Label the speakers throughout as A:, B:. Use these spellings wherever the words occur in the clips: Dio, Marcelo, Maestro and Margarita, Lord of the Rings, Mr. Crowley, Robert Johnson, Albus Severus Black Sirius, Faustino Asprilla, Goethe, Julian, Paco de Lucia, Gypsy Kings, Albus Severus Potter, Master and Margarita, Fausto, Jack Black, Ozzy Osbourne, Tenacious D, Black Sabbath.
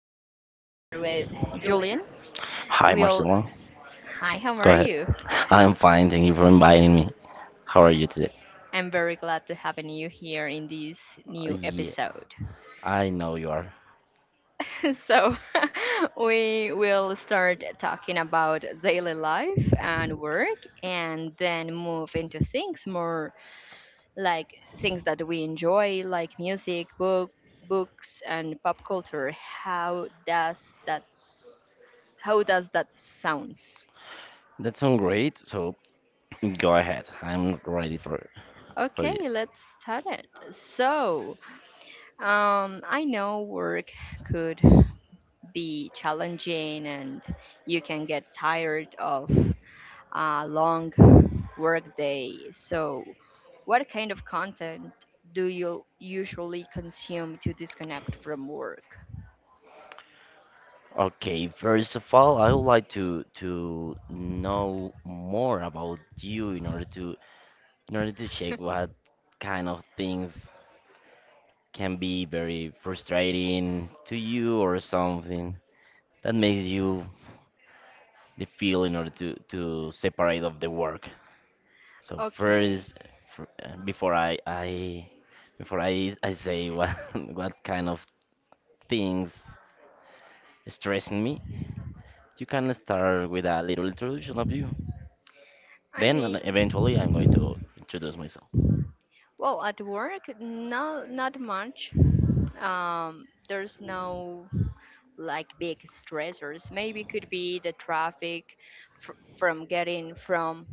A: today I'm here with Julian.
B: Hi,
A: Will,
B: Marcelo.
A: hi, how
B: Go
A: are
B: ahead.
A: you?
B: I'm fine. Thank you for inviting me. How are you today?
A: I'm very glad to have you here in this new
B: Yeah,
A: episode.
B: I know you are.
A: so, we will start talking about daily life and work and then move into things more like things that we enjoy, like music, books and pop culture. how does that s- how does that sounds?
B: That sounds great. So go ahead. I'm ready for
A: Okay,
B: this.
A: let's start it. I know work could be challenging and you can get tired of a long work day. So what kind of content do you usually consume to disconnect from work?
B: Okay, first of all, I would like to know more about you in order to check what kind of things can be very frustrating to you or something that makes you the feel in order to separate of the work. So
A: Okay.
B: first, fr- uh, before i i before I say what, what kind of things stressing me. You can start with a little introduction of you,
A: I
B: then, and
A: mean,
B: eventually I'm going to introduce myself.
A: well, at work, no, not much. There's no like big stressors. Maybe could be the traffic fr from getting from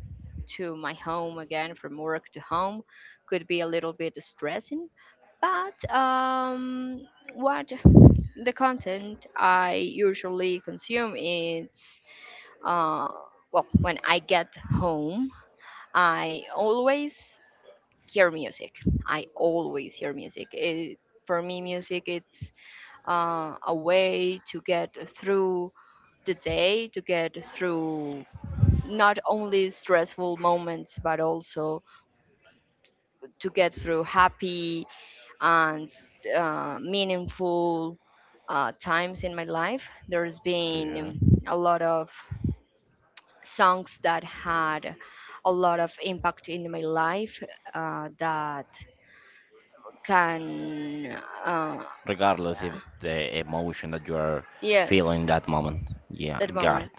A: to my home again, from work to home, could be a little bit stressing. But what the content I usually consume is, uh, well, when I get home, I always hear music. It, for me, music it's, a way to get through the day, to get through not only stressful moments, but also to get through happy and meaningful times in my life. There's
B: Yeah.
A: been a lot of songs that had a lot of impact in my life, that can, uh,
B: Regardless if the emotion that you are
A: yes,
B: feeling that moment, yeah,
A: that
B: got it.
A: moment.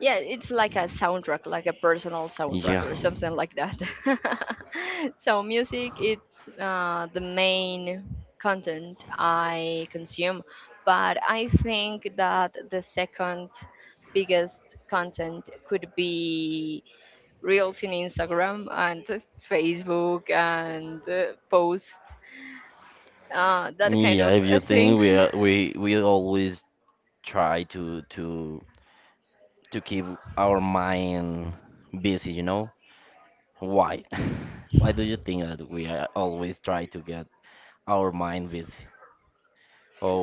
A: Yeah, it's like a soundtrack, like a personal soundtrack
B: Yeah.
A: or something like that. So music, it's, the main content I consume, but I think that the second biggest content could be reels in Instagram and Facebook, and post, that kind
B: Yeah,
A: of
B: if you think
A: things.
B: we are, we always try to keep our mind busy, you know? Why? Why do you think that we are always try to get our mind busy?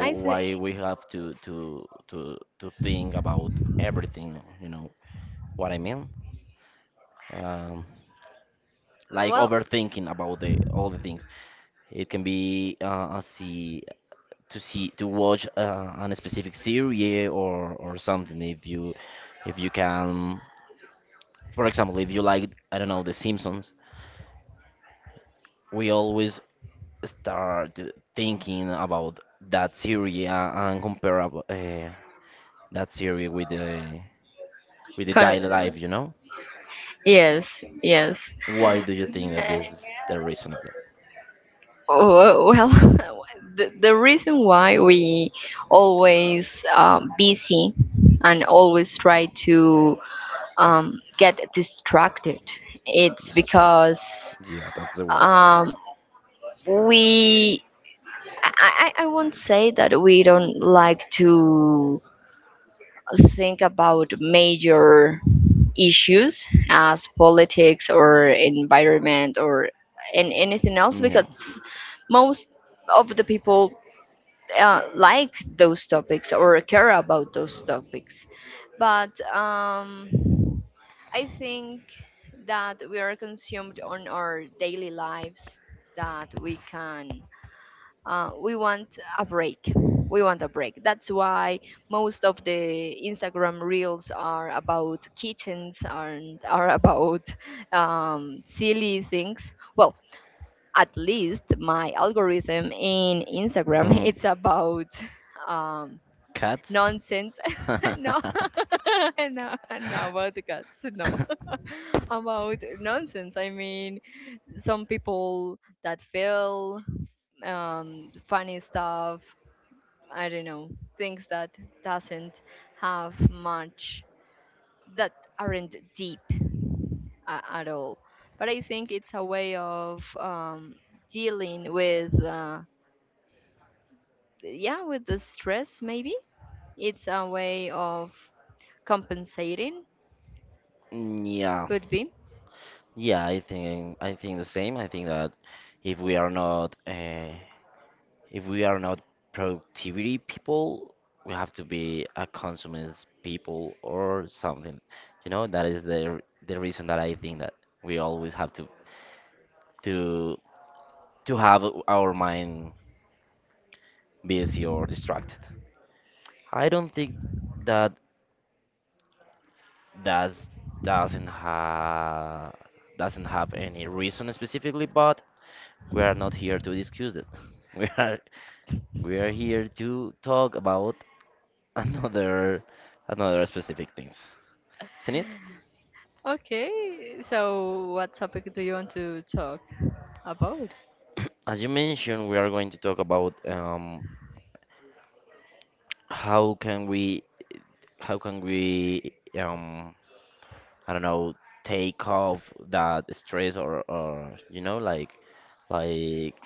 A: I think,
B: why we have to think about everything, you know what I mean? um, like
A: well,
B: overthinking about the all the things. It can be, a see to see to watch, on a specific series or something. If you can, for example, if you, like I don't know, the Simpsons, we always start thinking about that series, and compare, that series with the
A: con-
B: daily life, you know.
A: yes, yes.
B: Why do you think that this is the reason of that?
A: Oh, well, the reason why we always busy and always try to get distracted, it's
B: Distract.
A: because,
B: Yeah, that's the word.
A: um, we I won't say that we don't like to think about major issues as politics or environment or and anything else,
B: Yeah.
A: because most of the people like those topics or care about those topics. But I think that we are consumed on our daily lives that we can, we want a break. That's why most of the Instagram reels are about kittens and are about silly things. Well, at least my algorithm in Instagram
B: Mhm.
A: it's about um,
B: Cats?
A: nonsense. No, no, no, about the cats, no. About nonsense, I mean, some people that feel funny stuff, I don't know, things that doesn't have much, that aren't deep at all. But I think it's a way of dealing with, yeah, with the stress, maybe. It's a way of compensating,
B: Yeah,
A: could be.
B: yeah, I think the same. I think that if we are not if we are not productivity people, we have to be a consumers people or something. You know, that is the reason that I think that we always have to to have our mind busy or distracted. I don't think that that's doesn't have any reason specifically, but we are not here to discuss it. We are. We are here to talk about, another another specific things, isn't it?
A: Okay, so what topic do you want to talk about?
B: As you mentioned, we are going to talk about, how can we how can we, um, I don't know, take off that stress, or you know, like.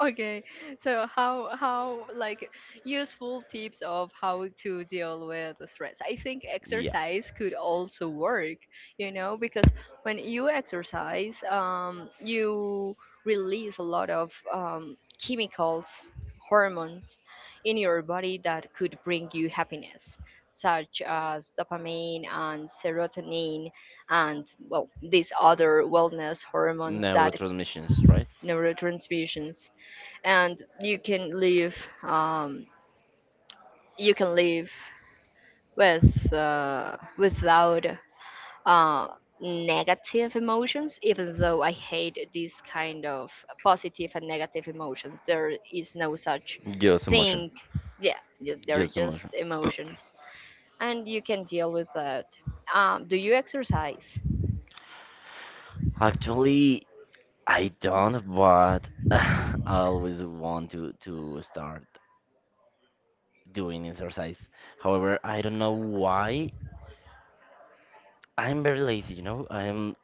A: Okay, so how, how, useful tips of how to deal with the stress? I think
B: Yeah.
A: exercise could also work, you know, because when you exercise, you release a lot of chemicals, hormones in your body that could bring you happiness, such as dopamine and serotonin, and well, these other wellness hormones that
B: Neurotransmissions, right?
A: neurotransmissions, and you can live, um you can live with, uh without, uh negative emotions, even though I hate this kind of positive and negative emotions, there is no such
B: Just emotion.
A: thing. Yeah, they're
B: Just
A: just
B: emotion.
A: emotions, and you can deal with that. Do you exercise?
B: Actually, I don't, but I always want to start doing exercise. However, I don't know why I'm very lazy, you know? I'm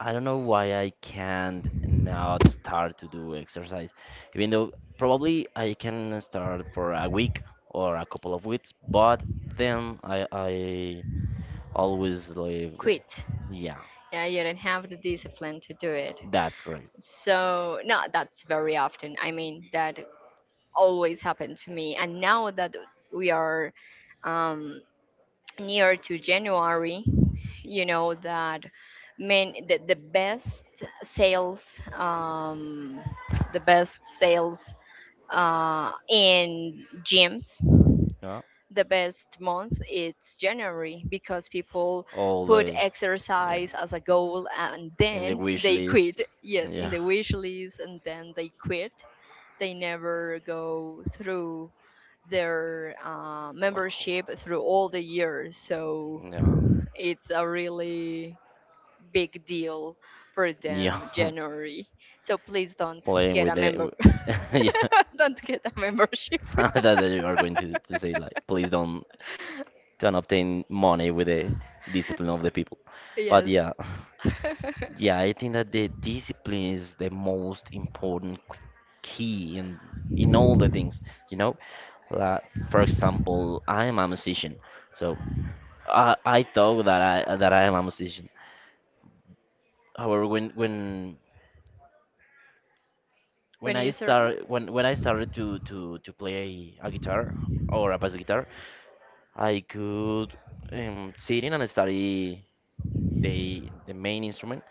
B: I don't know why I can't now start to do exercise. Even though probably I can start for a week or a couple of weeks, but then I always leave.
A: Quit.
B: Yeah,
A: Yeah, you don't have the discipline to do it.
B: that's great.
A: So no, that's very often, I mean, that always happened to me. And now that we are um, near to January, you know that main the best sales, the best sales in gyms, the best month it's January, because people
B: All
A: put
B: the Yeah,
A: exercise as a goal, and
B: in the
A: then
B: wish
A: they
B: list.
A: quit. Yes, in
B: Yeah.
A: the wish list, and then they quit. They never go through their membership through all the years. So
B: Yeah.
A: it's a really big deal for
B: Yeah.
A: them, January. So please don't
B: Playing
A: get a
B: with it.
A: member.
B: Yeah.
A: Don't get a membership.
B: That you are going to say, like, please don't don't obtain money with the discipline of the people. But
A: Yes.
B: yeah. Yeah, I think that the discipline is the most important key in all the things, you know? Like, for example, I am a musician, so I thought that I am a musician. However, when
A: When
B: I
A: you serve,
B: start when I started to play a guitar or a bass guitar, I could, sit in and study the main instrument.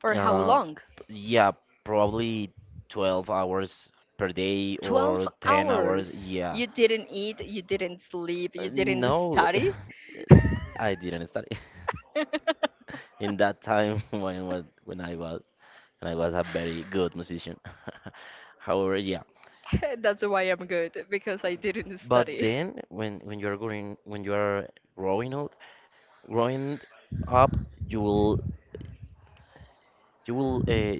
A: for how
B: Uh,
A: long?
B: yeah, probably 12 hours per day or
A: 12
B: 10 hours.
A: hours.
B: Yeah.
A: You didn't eat, you didn't sleep, you didn't
B: No,
A: study.
B: I didn't study, in that time, when I was a very good musician. However, yeah.
A: That's why I'm good because I didn't
B: But
A: study.
B: then, when you're growing, when you are growing old, growing up, you will you will uh,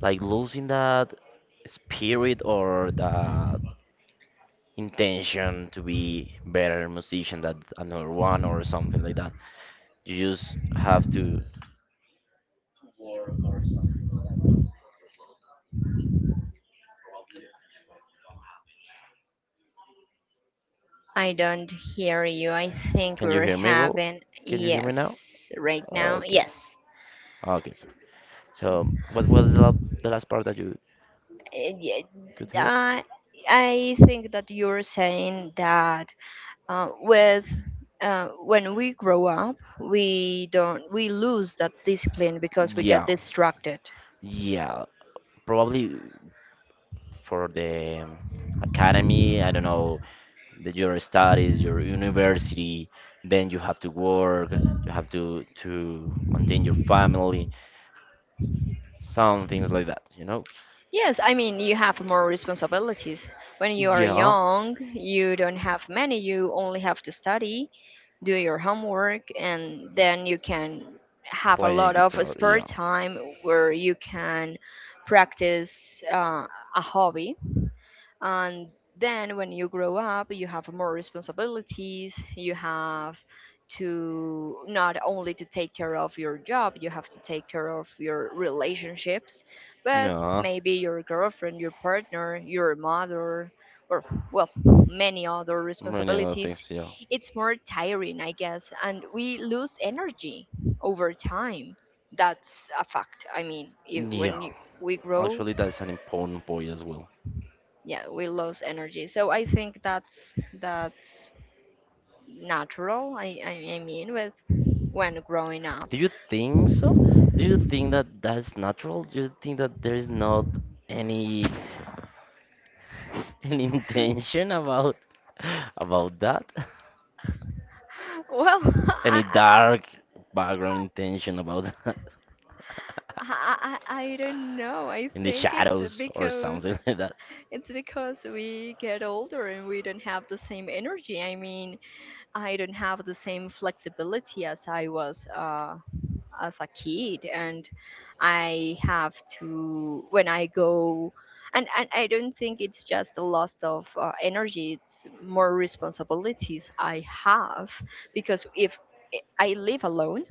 B: like losing that spirit or the intention to be better musician than another one or something like that. You just have to.
A: I don't hear you. I think
B: Can you
A: we're
B: hear me? Well,
A: having,
B: can you hear me now?
A: yes, right now.
B: Okay.
A: Yes.
B: Okay.
A: S- s-
B: So, what was the last part that you
A: eh, ye-
B: could hear?
A: I I think that you're saying that, with when we grow up, we don't, we lose that discipline because we get
B: Yeah.
A: distracted.
B: Yeah. Probably for the academy, I don't know, your studies, your university, then you have to work, you have to maintain your family, some things like that, you know?
A: Yes, I mean you have more responsibilities. When you are
B: Yeah,
A: young, you don't have many. You only have to study, do your homework, and then you can have a
B: playing
A: lot of
B: guitar,
A: spare
B: yeah.
A: time where you can practice, a hobby. And then when you grow up, you have more responsibilities. You have to, not only to take care of your job, you have to take care of your relationships with
B: Yeah,
A: maybe your girlfriend, your partner, your mother, or well, many other
B: many other
A: responsibilities.
B: things, yeah.
A: It's more tiring, I guess, and we lose energy over time. That's a fact. I mean, if, when
B: Yeah,
A: you, we grow
B: actually, that's an important point as well.
A: yeah, we lose energy. So I think that's natural. I mean, with when growing up.
B: Do you think so? Do you think that that's natural? Do you think that there is not any, any intention about, about that?
A: Well, I,
B: Any dark background intention about that?
A: I i i don't know, I
B: In the
A: think it's
B: shadows or
A: because,
B: something, like that?
A: it's because we get older and we don't have the same energy. I mean, I don't have the same flexibility as I was, as a kid. And I have to, when I go, and I don't think it's just a loss of, energy. It's more responsibilities I have, because if I live alone,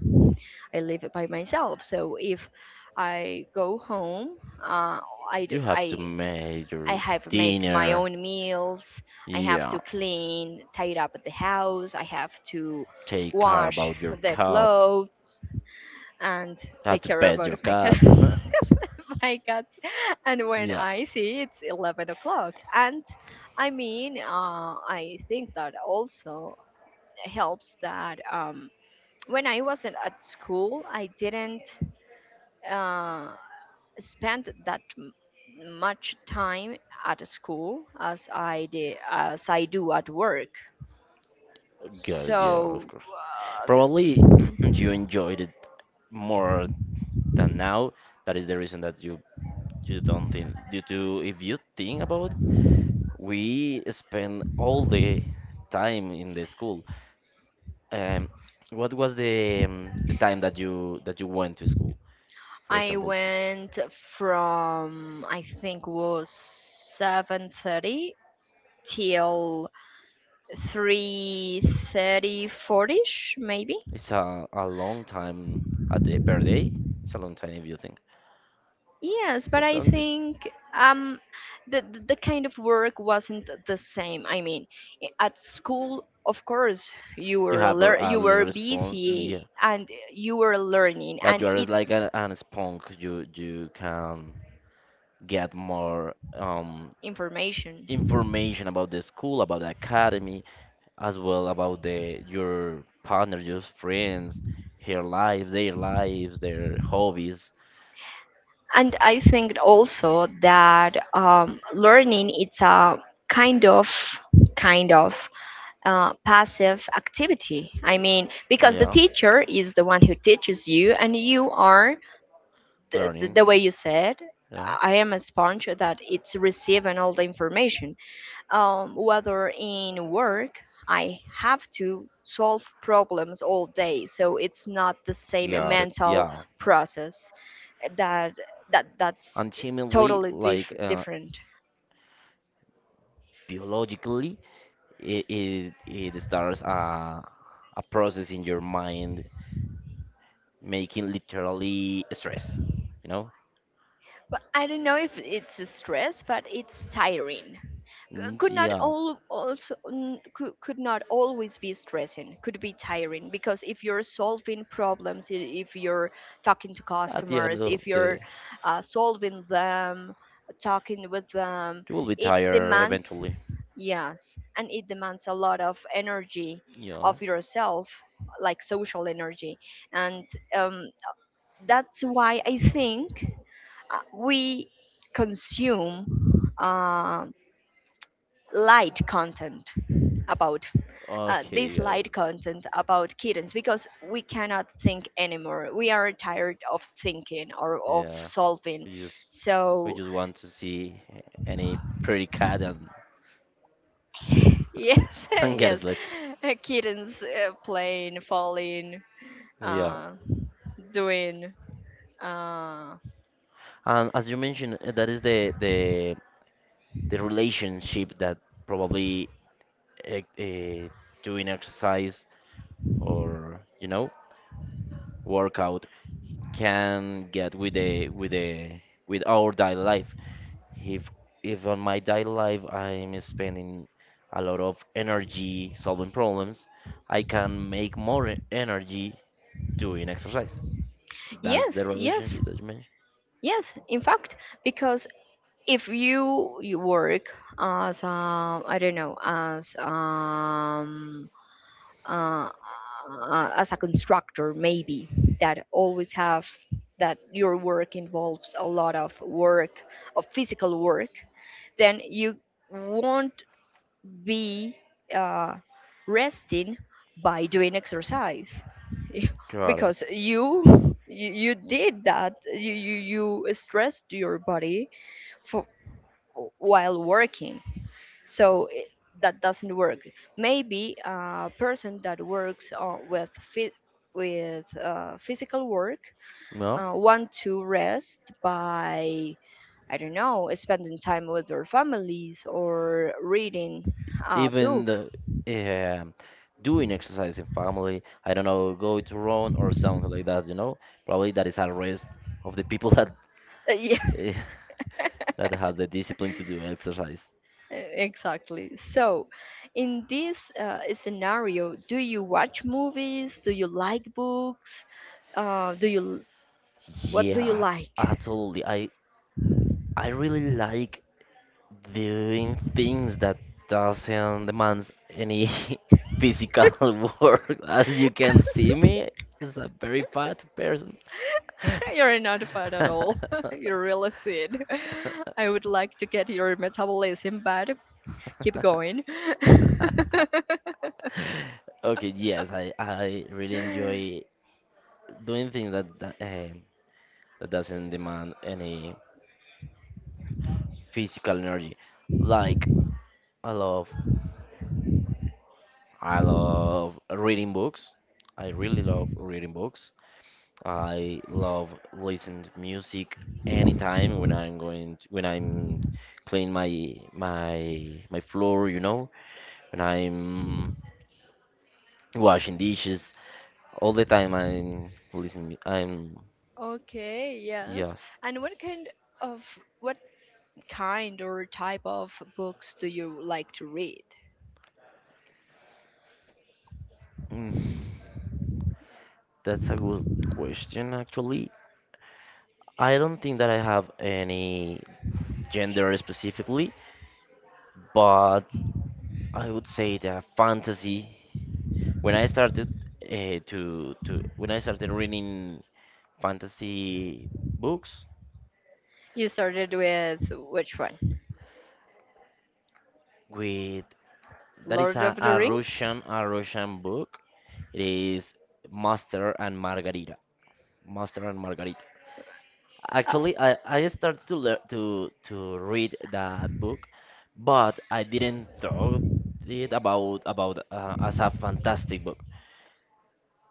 A: I live by myself, so if I go home, uh, I, d-
B: You have to
A: I
B: make
A: I
B: your
A: have to make my
B: dinner.
A: own meals. I have
B: Yeah,
A: to clean, tidy up the house. I have to
B: take care
A: wash
B: about your
A: the
B: cats.
A: clothes, and
B: You have
A: take
B: to
A: care
B: pet
A: about
B: your
A: my cat
B: cat.
A: my cats. And when
B: Yeah.
A: I see it's 11 o'clock, and I mean, I think that also helps that, when I wasn't at school, I didn't, uh, spend that much time at school as I did, as I do at work.
B: Good, yeah, of
A: So,
B: course. Probably
A: uh,
B: you enjoyed it more than now. That is the reason that you don't think due to, if you think about it, we spend all the time in the school. Um, what was the time that you went to school? For
A: I
B: example,
A: went from, I think was 7:30 till 3:30, 40ish maybe.
B: it's a long time at day per day. It's a long time if you think.
A: Yes,
B: So,
A: but I
B: don't you
A: think um the kind of work wasn't the same. I mean, at school, of course, you were
B: have a, a
A: you
B: little
A: were
B: response? Yeah,
A: busy, and you were learning,
B: but
A: and
B: you are like
A: it's
B: an sponge. You can get more,
A: information.
B: information about the school, about the academy, as well about the your partner, your friends, her life, their lives, their hobbies.
A: And I think also that, learning, it's a kind of kind of passive activity. I mean, because the
B: Yeah,
A: teacher is the one who teaches you, and you are the, the,
B: learning.
A: the way you said,
B: Yeah,
A: I am a sponge that it's receiving all the information. Whether in work, I have to solve problems all day, so it's not the same
B: got it.
A: mental
B: Yeah,
A: process. That that that's
B: ultimately,
A: totally
B: like,
A: different.
B: biologically, it starts a process in your mind, making literally stress. You know?
A: But I don't know if it's a stress, but it's tiring.
B: Mm,
A: Could not,
B: yeah.
A: all also could, not always be stressing, could be tiring, because if you're solving problems, if you're talking to
B: At the end
A: customers,
B: of
A: if
B: the,
A: you're, solving them, talking with them,
B: you will be
A: it
B: tired
A: demands,
B: eventually.
A: yes, and it demands a lot of energy
B: Yeah.
A: of yourself, like social energy. And um, that's why I think, we consume, light content about, this
B: Okay, guys.
A: light content about kittens, because we cannot think anymore. We are tired of thinking, or of
B: Yeah.
A: solving.
B: We just we
A: So
B: just want to see any pretty cat and,
A: yes,
B: and get
A: yes,
B: sleep.
A: kittens, playing, falling,
B: Yeah.
A: uh, doing. Uh,
B: And as you mentioned, that is the relationship that probably, uh, uh, doing exercise, or, you know, workout, can get with the with the with our daily life. If if on my daily life I'm spending a lot of energy solving problems, I can make more energy doing exercise. That's the
A: yes, yes,
B: relationship that you mentioned.
A: yes. In fact, because if you, you work as, I don't know uh, as a constructor maybe, that always have that your work involves a lot of work, of physical work, then you won't be, uh, resting by doing exercise.
B: Got it.
A: Because you, you stressed your body while working. So i- that doesn't work. Maybe a person that works, phy- with, physical work,
B: No,
A: want to rest by, I don't know, spending time with their families, or reading a
B: even
A: book.
B: the, um doing exercise in family, I don't know, go to run or something like that, you know, probably that is a rest of the people that,
A: Yeah,
B: eh, that has the discipline to do exercise.
A: exactly. So in this, scenario, do you watch movies? Do you like books? Do you What do you
B: Yeah,
A: like?
B: absolutely. I really like doing things that doesn't demands any, physical, work. As you can see me, as a very fat person.
A: You're not fat at all. You're really thin. I would like to get your metabolism, but keep going.
B: Okay, yes, I really enjoy doing things that doesn't demand any physical energy. Like, I love I love reading books. I really love reading books. I love listening to music anytime when I'm cleaning my floor, you know, when I'm washing dishes. All the time I'm listening. I'm
A: Okay, yes.
B: Yes.
A: And what kind of what kind or type of books do you like to read?
B: Mm, that's a good question actually. I don't think that I have any gender specifically, but I would say that fantasy. When I started reading fantasy books
A: You started with which one?
B: with that is
A: Lord of
B: a,
A: the
B: a
A: Rings?
B: Russian a Russian book. It is Master and Margarita. Master and Margarita. Actually, I started to learn to read that book, but I didn't thought it about as a fantastic book.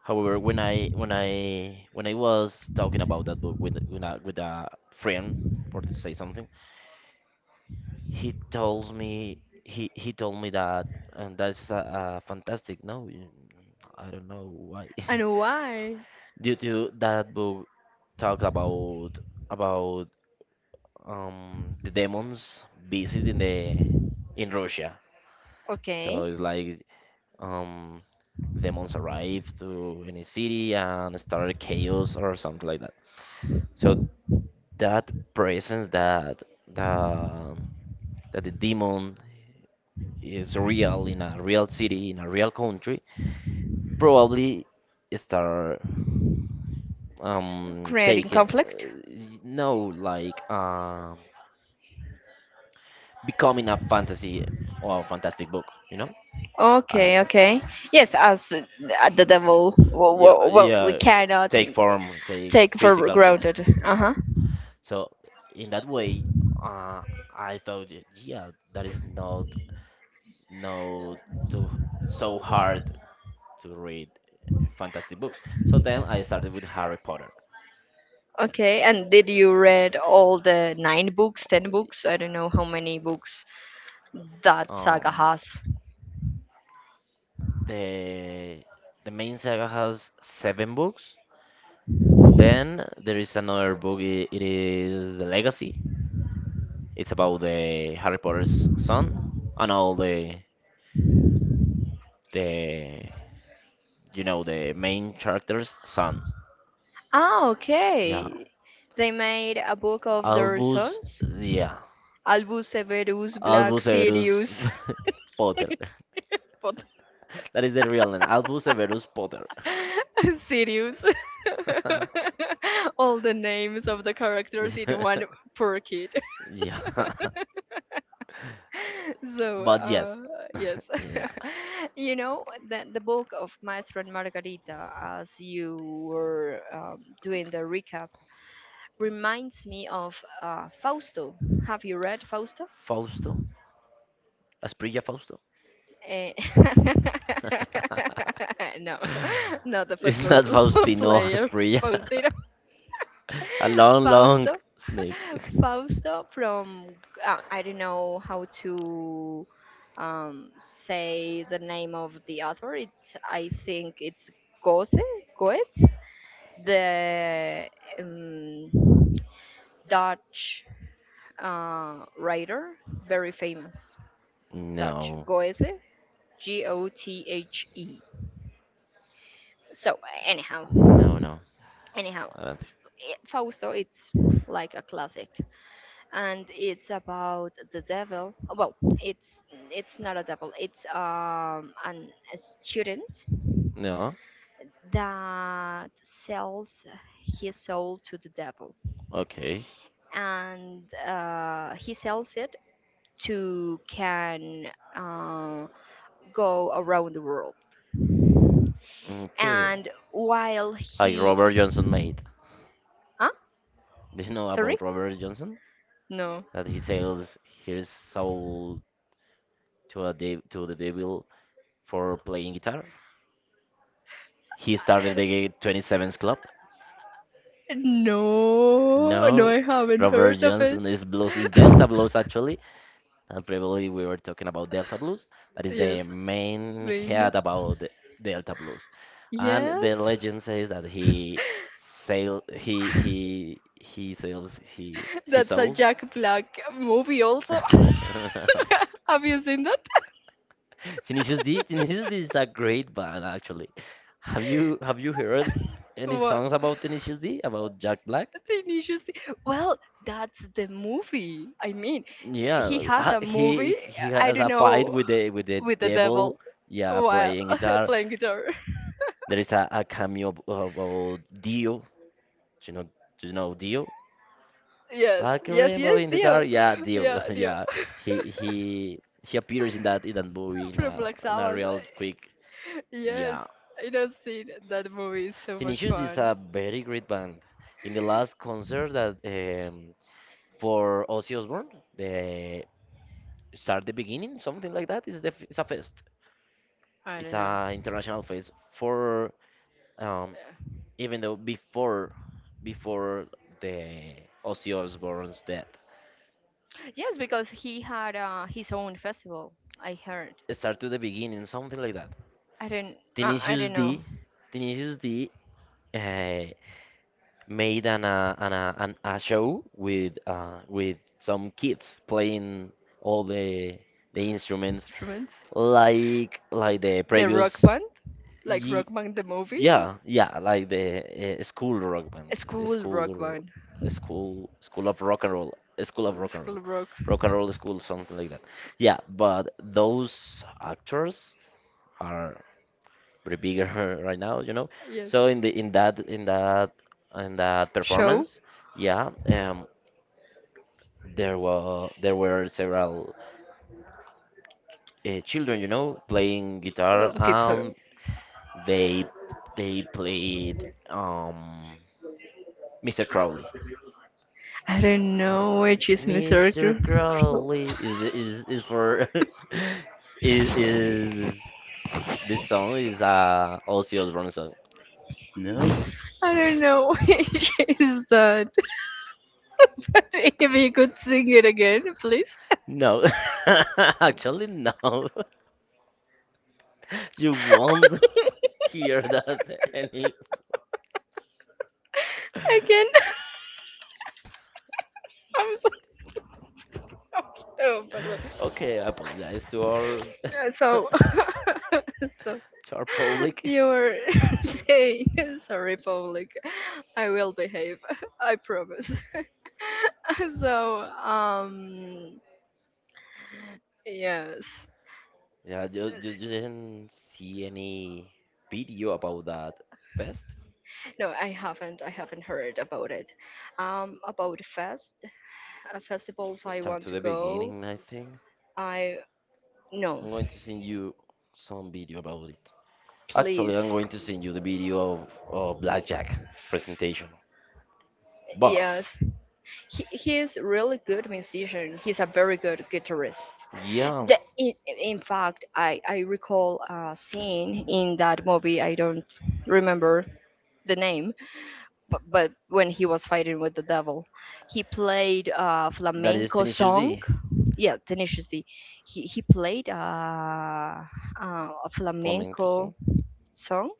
B: However, when I was talking about that book, with a friend, for to say something, he told me he told me that, and that's a fantastic, no, I don't know why,
A: And why?
B: due to that book talk about the demons visit in the in Russia. So
A: Okay,
B: it's like, um demons arrive to any city and start chaos or something like that. So that presence the that the demon is real in a real city in a real country probably start,
A: creating
B: taking,
A: conflict.
B: no, like, becoming a fantasy or a fantastic book, you know. uh
A: Okay, okay. Yes, as, the devil
B: yeah,
A: well
B: yeah,
A: cannot
B: take form, take
A: take for
B: physical form,
A: granted. Uh
B: yeah.
A: huh.
B: So in that way, uh I thought, yeah, that is not too, so hard to read fantastic books. So then I started with Harry Potter.
A: Okay. And did you read all the nine books, ten books? I don't know how many books that saga
B: Um,
A: has.
B: the the main saga has seven books. Then there is another book. It is The Legacy. It's about the Harry Potter's son and all the the main characters' sons.
A: Ah,
B: Yeah,
A: okay. They made a book of
B: Albus. Yeah,
A: Albus Severus Black
B: Albus Severus,
A: Sirius.
B: Potter.
A: But-
B: That is the real name, Albus Severus Potter.
A: Sirius. All the names of the characters in one per kid.
B: Yeah.
A: So,
B: But yes.
A: yes,
B: Yeah.
A: you know, the book of Maestro and Margarita, as you were, doing the recap, reminds me of, Fausto. Have you read Fausto?
B: Fausto? Asprilla Fausto?
A: Eh, no, not the food
B: It's not Faustino Asprilla.
A: posting.
B: A long, long snake.
A: Fausto from I don't know how to say the name of the author. It's I think it's Goethe, Goethe, the um, Dutch writer, very famous Dutch
B: No.
A: Goethe, Gothe. So anyhow,
B: No, no.
A: anyhow,
B: I don't think so.
A: Fausto, it's like a classic. And it's about the devil. Well, it's not a devil. It's a student
B: No.
A: that sells his soul to the devil,
B: Okay.
A: and he sells it to can uh, go around the world.
B: Okay.
A: And while
B: Like
A: he,
B: Robert Johnson made.
A: huh?
B: Do you know
A: Sorry,
B: about Robert Johnson?
A: no,
B: That he sells his soul to the devil for playing guitar. He started the 27th Club.
A: no, no,
B: No,
A: I haven't
B: Robert
A: heard of.
B: Johnson is blues, is Delta blues actually. And previously we were talking about Delta blues. That is
A: Yes,
B: the
A: I
B: main
A: mean,
B: head about the Delta blues.
A: yeah,
B: And the legend says that he sail he sails he
A: that's a
B: sold.
A: Jack Black movie also. Have you seen that?
B: Tinicius D. Tinicius D is a great band, actually. Have you heard any
A: What
B: songs about Tinicius D? About Jack Black?
A: an interesting. Well, that's the movie. I mean, he
B: Yeah,
A: has
B: ha-
A: a
B: he
A: movie.
B: he
A: I
B: has
A: don't
B: a fight
A: know,
B: with the
A: with the devil
B: devil. Yeah,
A: while
B: playing guitar.
A: playing guitar.
B: There is a cameo of Dio. Do you know do you know Dio?
A: Yes,
B: Like a
A: yes,
B: rainbow
A: yes,
B: in the
A: Dio.
B: dark. Yeah, Dio.
A: Yeah, Dio
B: Yeah, he he he appears in that movie, in
A: from Black
B: a
A: Sabbath.
B: real quick.
A: Yes,
B: Yeah.
A: I know seen that movie. Is so much
B: Tenacious is
A: fun.
B: a very great band. In the last concert that, for Ozzy Osbourne, the start the beginning, something like that, is it's a fest.
A: I
B: It's
A: don't know.
B: a international fest for, um,
A: Yeah.
B: even though before the Ozzy Osbourne's death,
A: Yes, because he had his own festival. I heard.
B: it start to the beginning, something like that.
A: I don't. I
B: Tenacious
A: don't know.
B: D, Tenacious D. Uh, made an a show with, with some kids playing all the instruments,
A: Instruments.
B: like the
A: The rock
B: previous,
A: band, like Rock
B: ye
A: Band the movie,
B: yeah yeah like the, school rock band,
A: school
B: school
A: band,
B: school of rock and roll, school of rock and
A: school
B: roll,
A: rock.
B: rock and roll school, something like that, yeah. But those actors are pretty bigger, right now, you know.
A: Yes,
B: So in the in that in that in that
A: show
B: performance, yeah, there were several, children, you know, playing guitar,
A: guitar.
B: and they they played, um Mr. Crowley.
A: I don't
B: How-
A: know which is Miss Erica.
B: Mr. Crowley is for, is this song is Ozzy Osbourne song. No?
A: I don't know which is that. But if you could sing it again, please.
B: No, actually no. You won't, hear that, any.
A: Again, I'm so. Oh, pardon.
B: Okay, I apologize to our, to
A: So, so
B: our public.
A: you were saying, sorry, public. I will behave. I promise. So yes,
B: Yeah, you didn't see any video about that fest?
A: no, I haven't heard about it, about fest, festivals I
B: Start
A: want
B: to
A: to
B: the
A: go.
B: beginning, I think.
A: I, no,
B: I'm going to send you some video about it. Actually, I'm
A: please.
B: going to send you the video of Blackjack presentation.
A: Yes,
B: Buff.
A: he, he's really good musician, he's a very good guitarist.
B: Yeah,
A: the, in, in fact, I recall a scene in that movie, I don't remember the name, but when he was fighting with the devil he played a
B: that is
A: flamenco
B: Tenacious
A: song.
B: D.
A: Yeah, Tenacious D. He played a
B: Flamenco
A: flamenco
B: song.
A: song.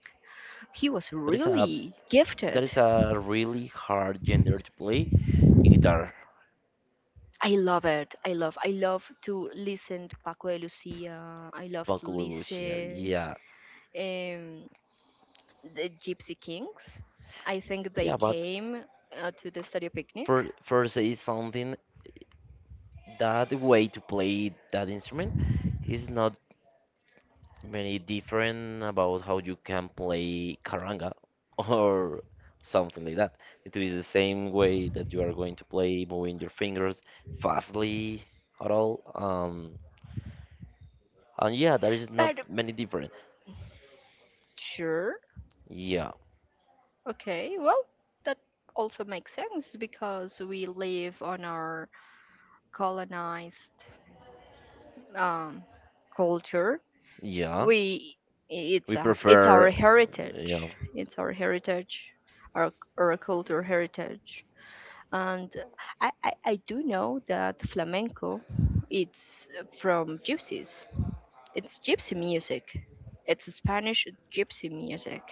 A: He was
B: That is a
A: really
B: That
A: gifted.
B: is a really hard gender to play in guitar.
A: I love it. I love. I love to listen to Paco de Lucia. I love to
B: Vocalicia,
A: listen
B: yeah.
A: um, the Gypsy Kings. I think they
B: Yeah, but
A: came to the studio picnic.
B: for say something, that way to play that instrument is not many different about how you can play karanga, or something like that. It is the same way that you are going to play, moving your fingers fastly at all. And yeah, there is not
A: But
B: many different.
A: sure,
B: Yeah,
A: okay, well. That also makes sense because we live on our colonized um, culture.
B: yeah.
A: We It's
B: We
A: a, our
B: prefer, you
A: heritage,
B: know.
A: it's our heritage, our our cultural heritage, and I do know that flamenco, it's from gypsies, it's gypsy music, it's Spanish gypsy music.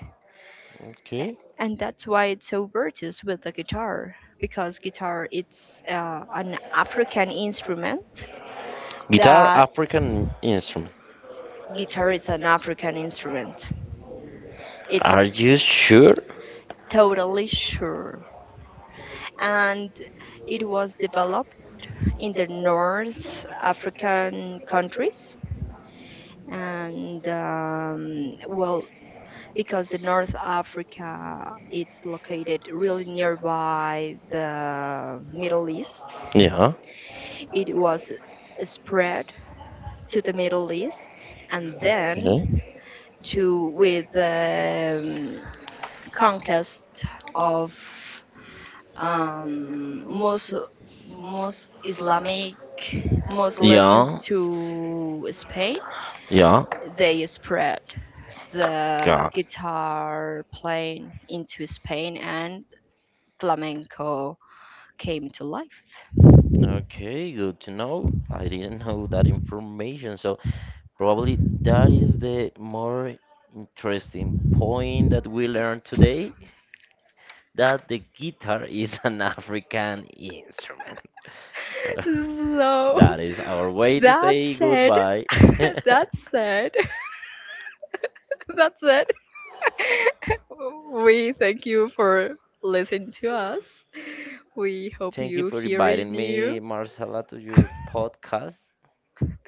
B: Okay.
A: And that's why it's so virtuous with the guitar, because guitar, it's an African instrument.
B: Guitar,
A: That
B: African instrument.
A: guitar is an African instrument, it's,
B: Are you sure?
A: totally sure. And it was developed in the North African countries. And well, because the North Africa it's located really nearby the Middle East,
B: Yeah.
A: it was spread to the Middle East and then
B: Okay.
A: to, with the conquest of um, most most Islamic Muslim,
B: Yeah.
A: to Spain,
B: Yeah.
A: they spread the
B: God.
A: guitar playing into Spain, and flamenco came to life.
B: Okay, good to know. I didn't know that information, so probably that is the more interesting point that we learned today, that the guitar is an African instrument. So
A: So
B: that is our way to say goodbye.
A: that's it. That's it. We thank you for listening to us. We hope
B: Thank you
A: you
B: for
A: hear
B: inviting
A: new.
B: me, Marcela, to your podcast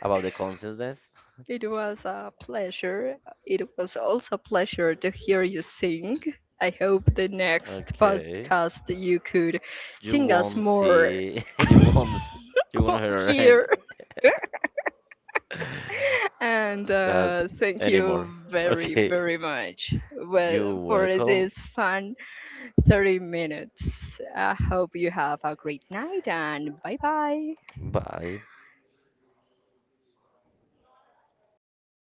B: about the consciousness.
A: It was a pleasure. It was also a pleasure to hear you sing. I hope the next
B: Okay.
A: podcast you could
B: You
A: sing us
B: won't
A: more
B: see, you won't hear any,
A: here. And
B: that
A: thank
B: anymore.
A: you very,
B: Okay.
A: very much, well,
B: You're
A: for
B: welcome.
A: this fun 30 minutes. I hope you have a great night and bye bye.
B: Bye.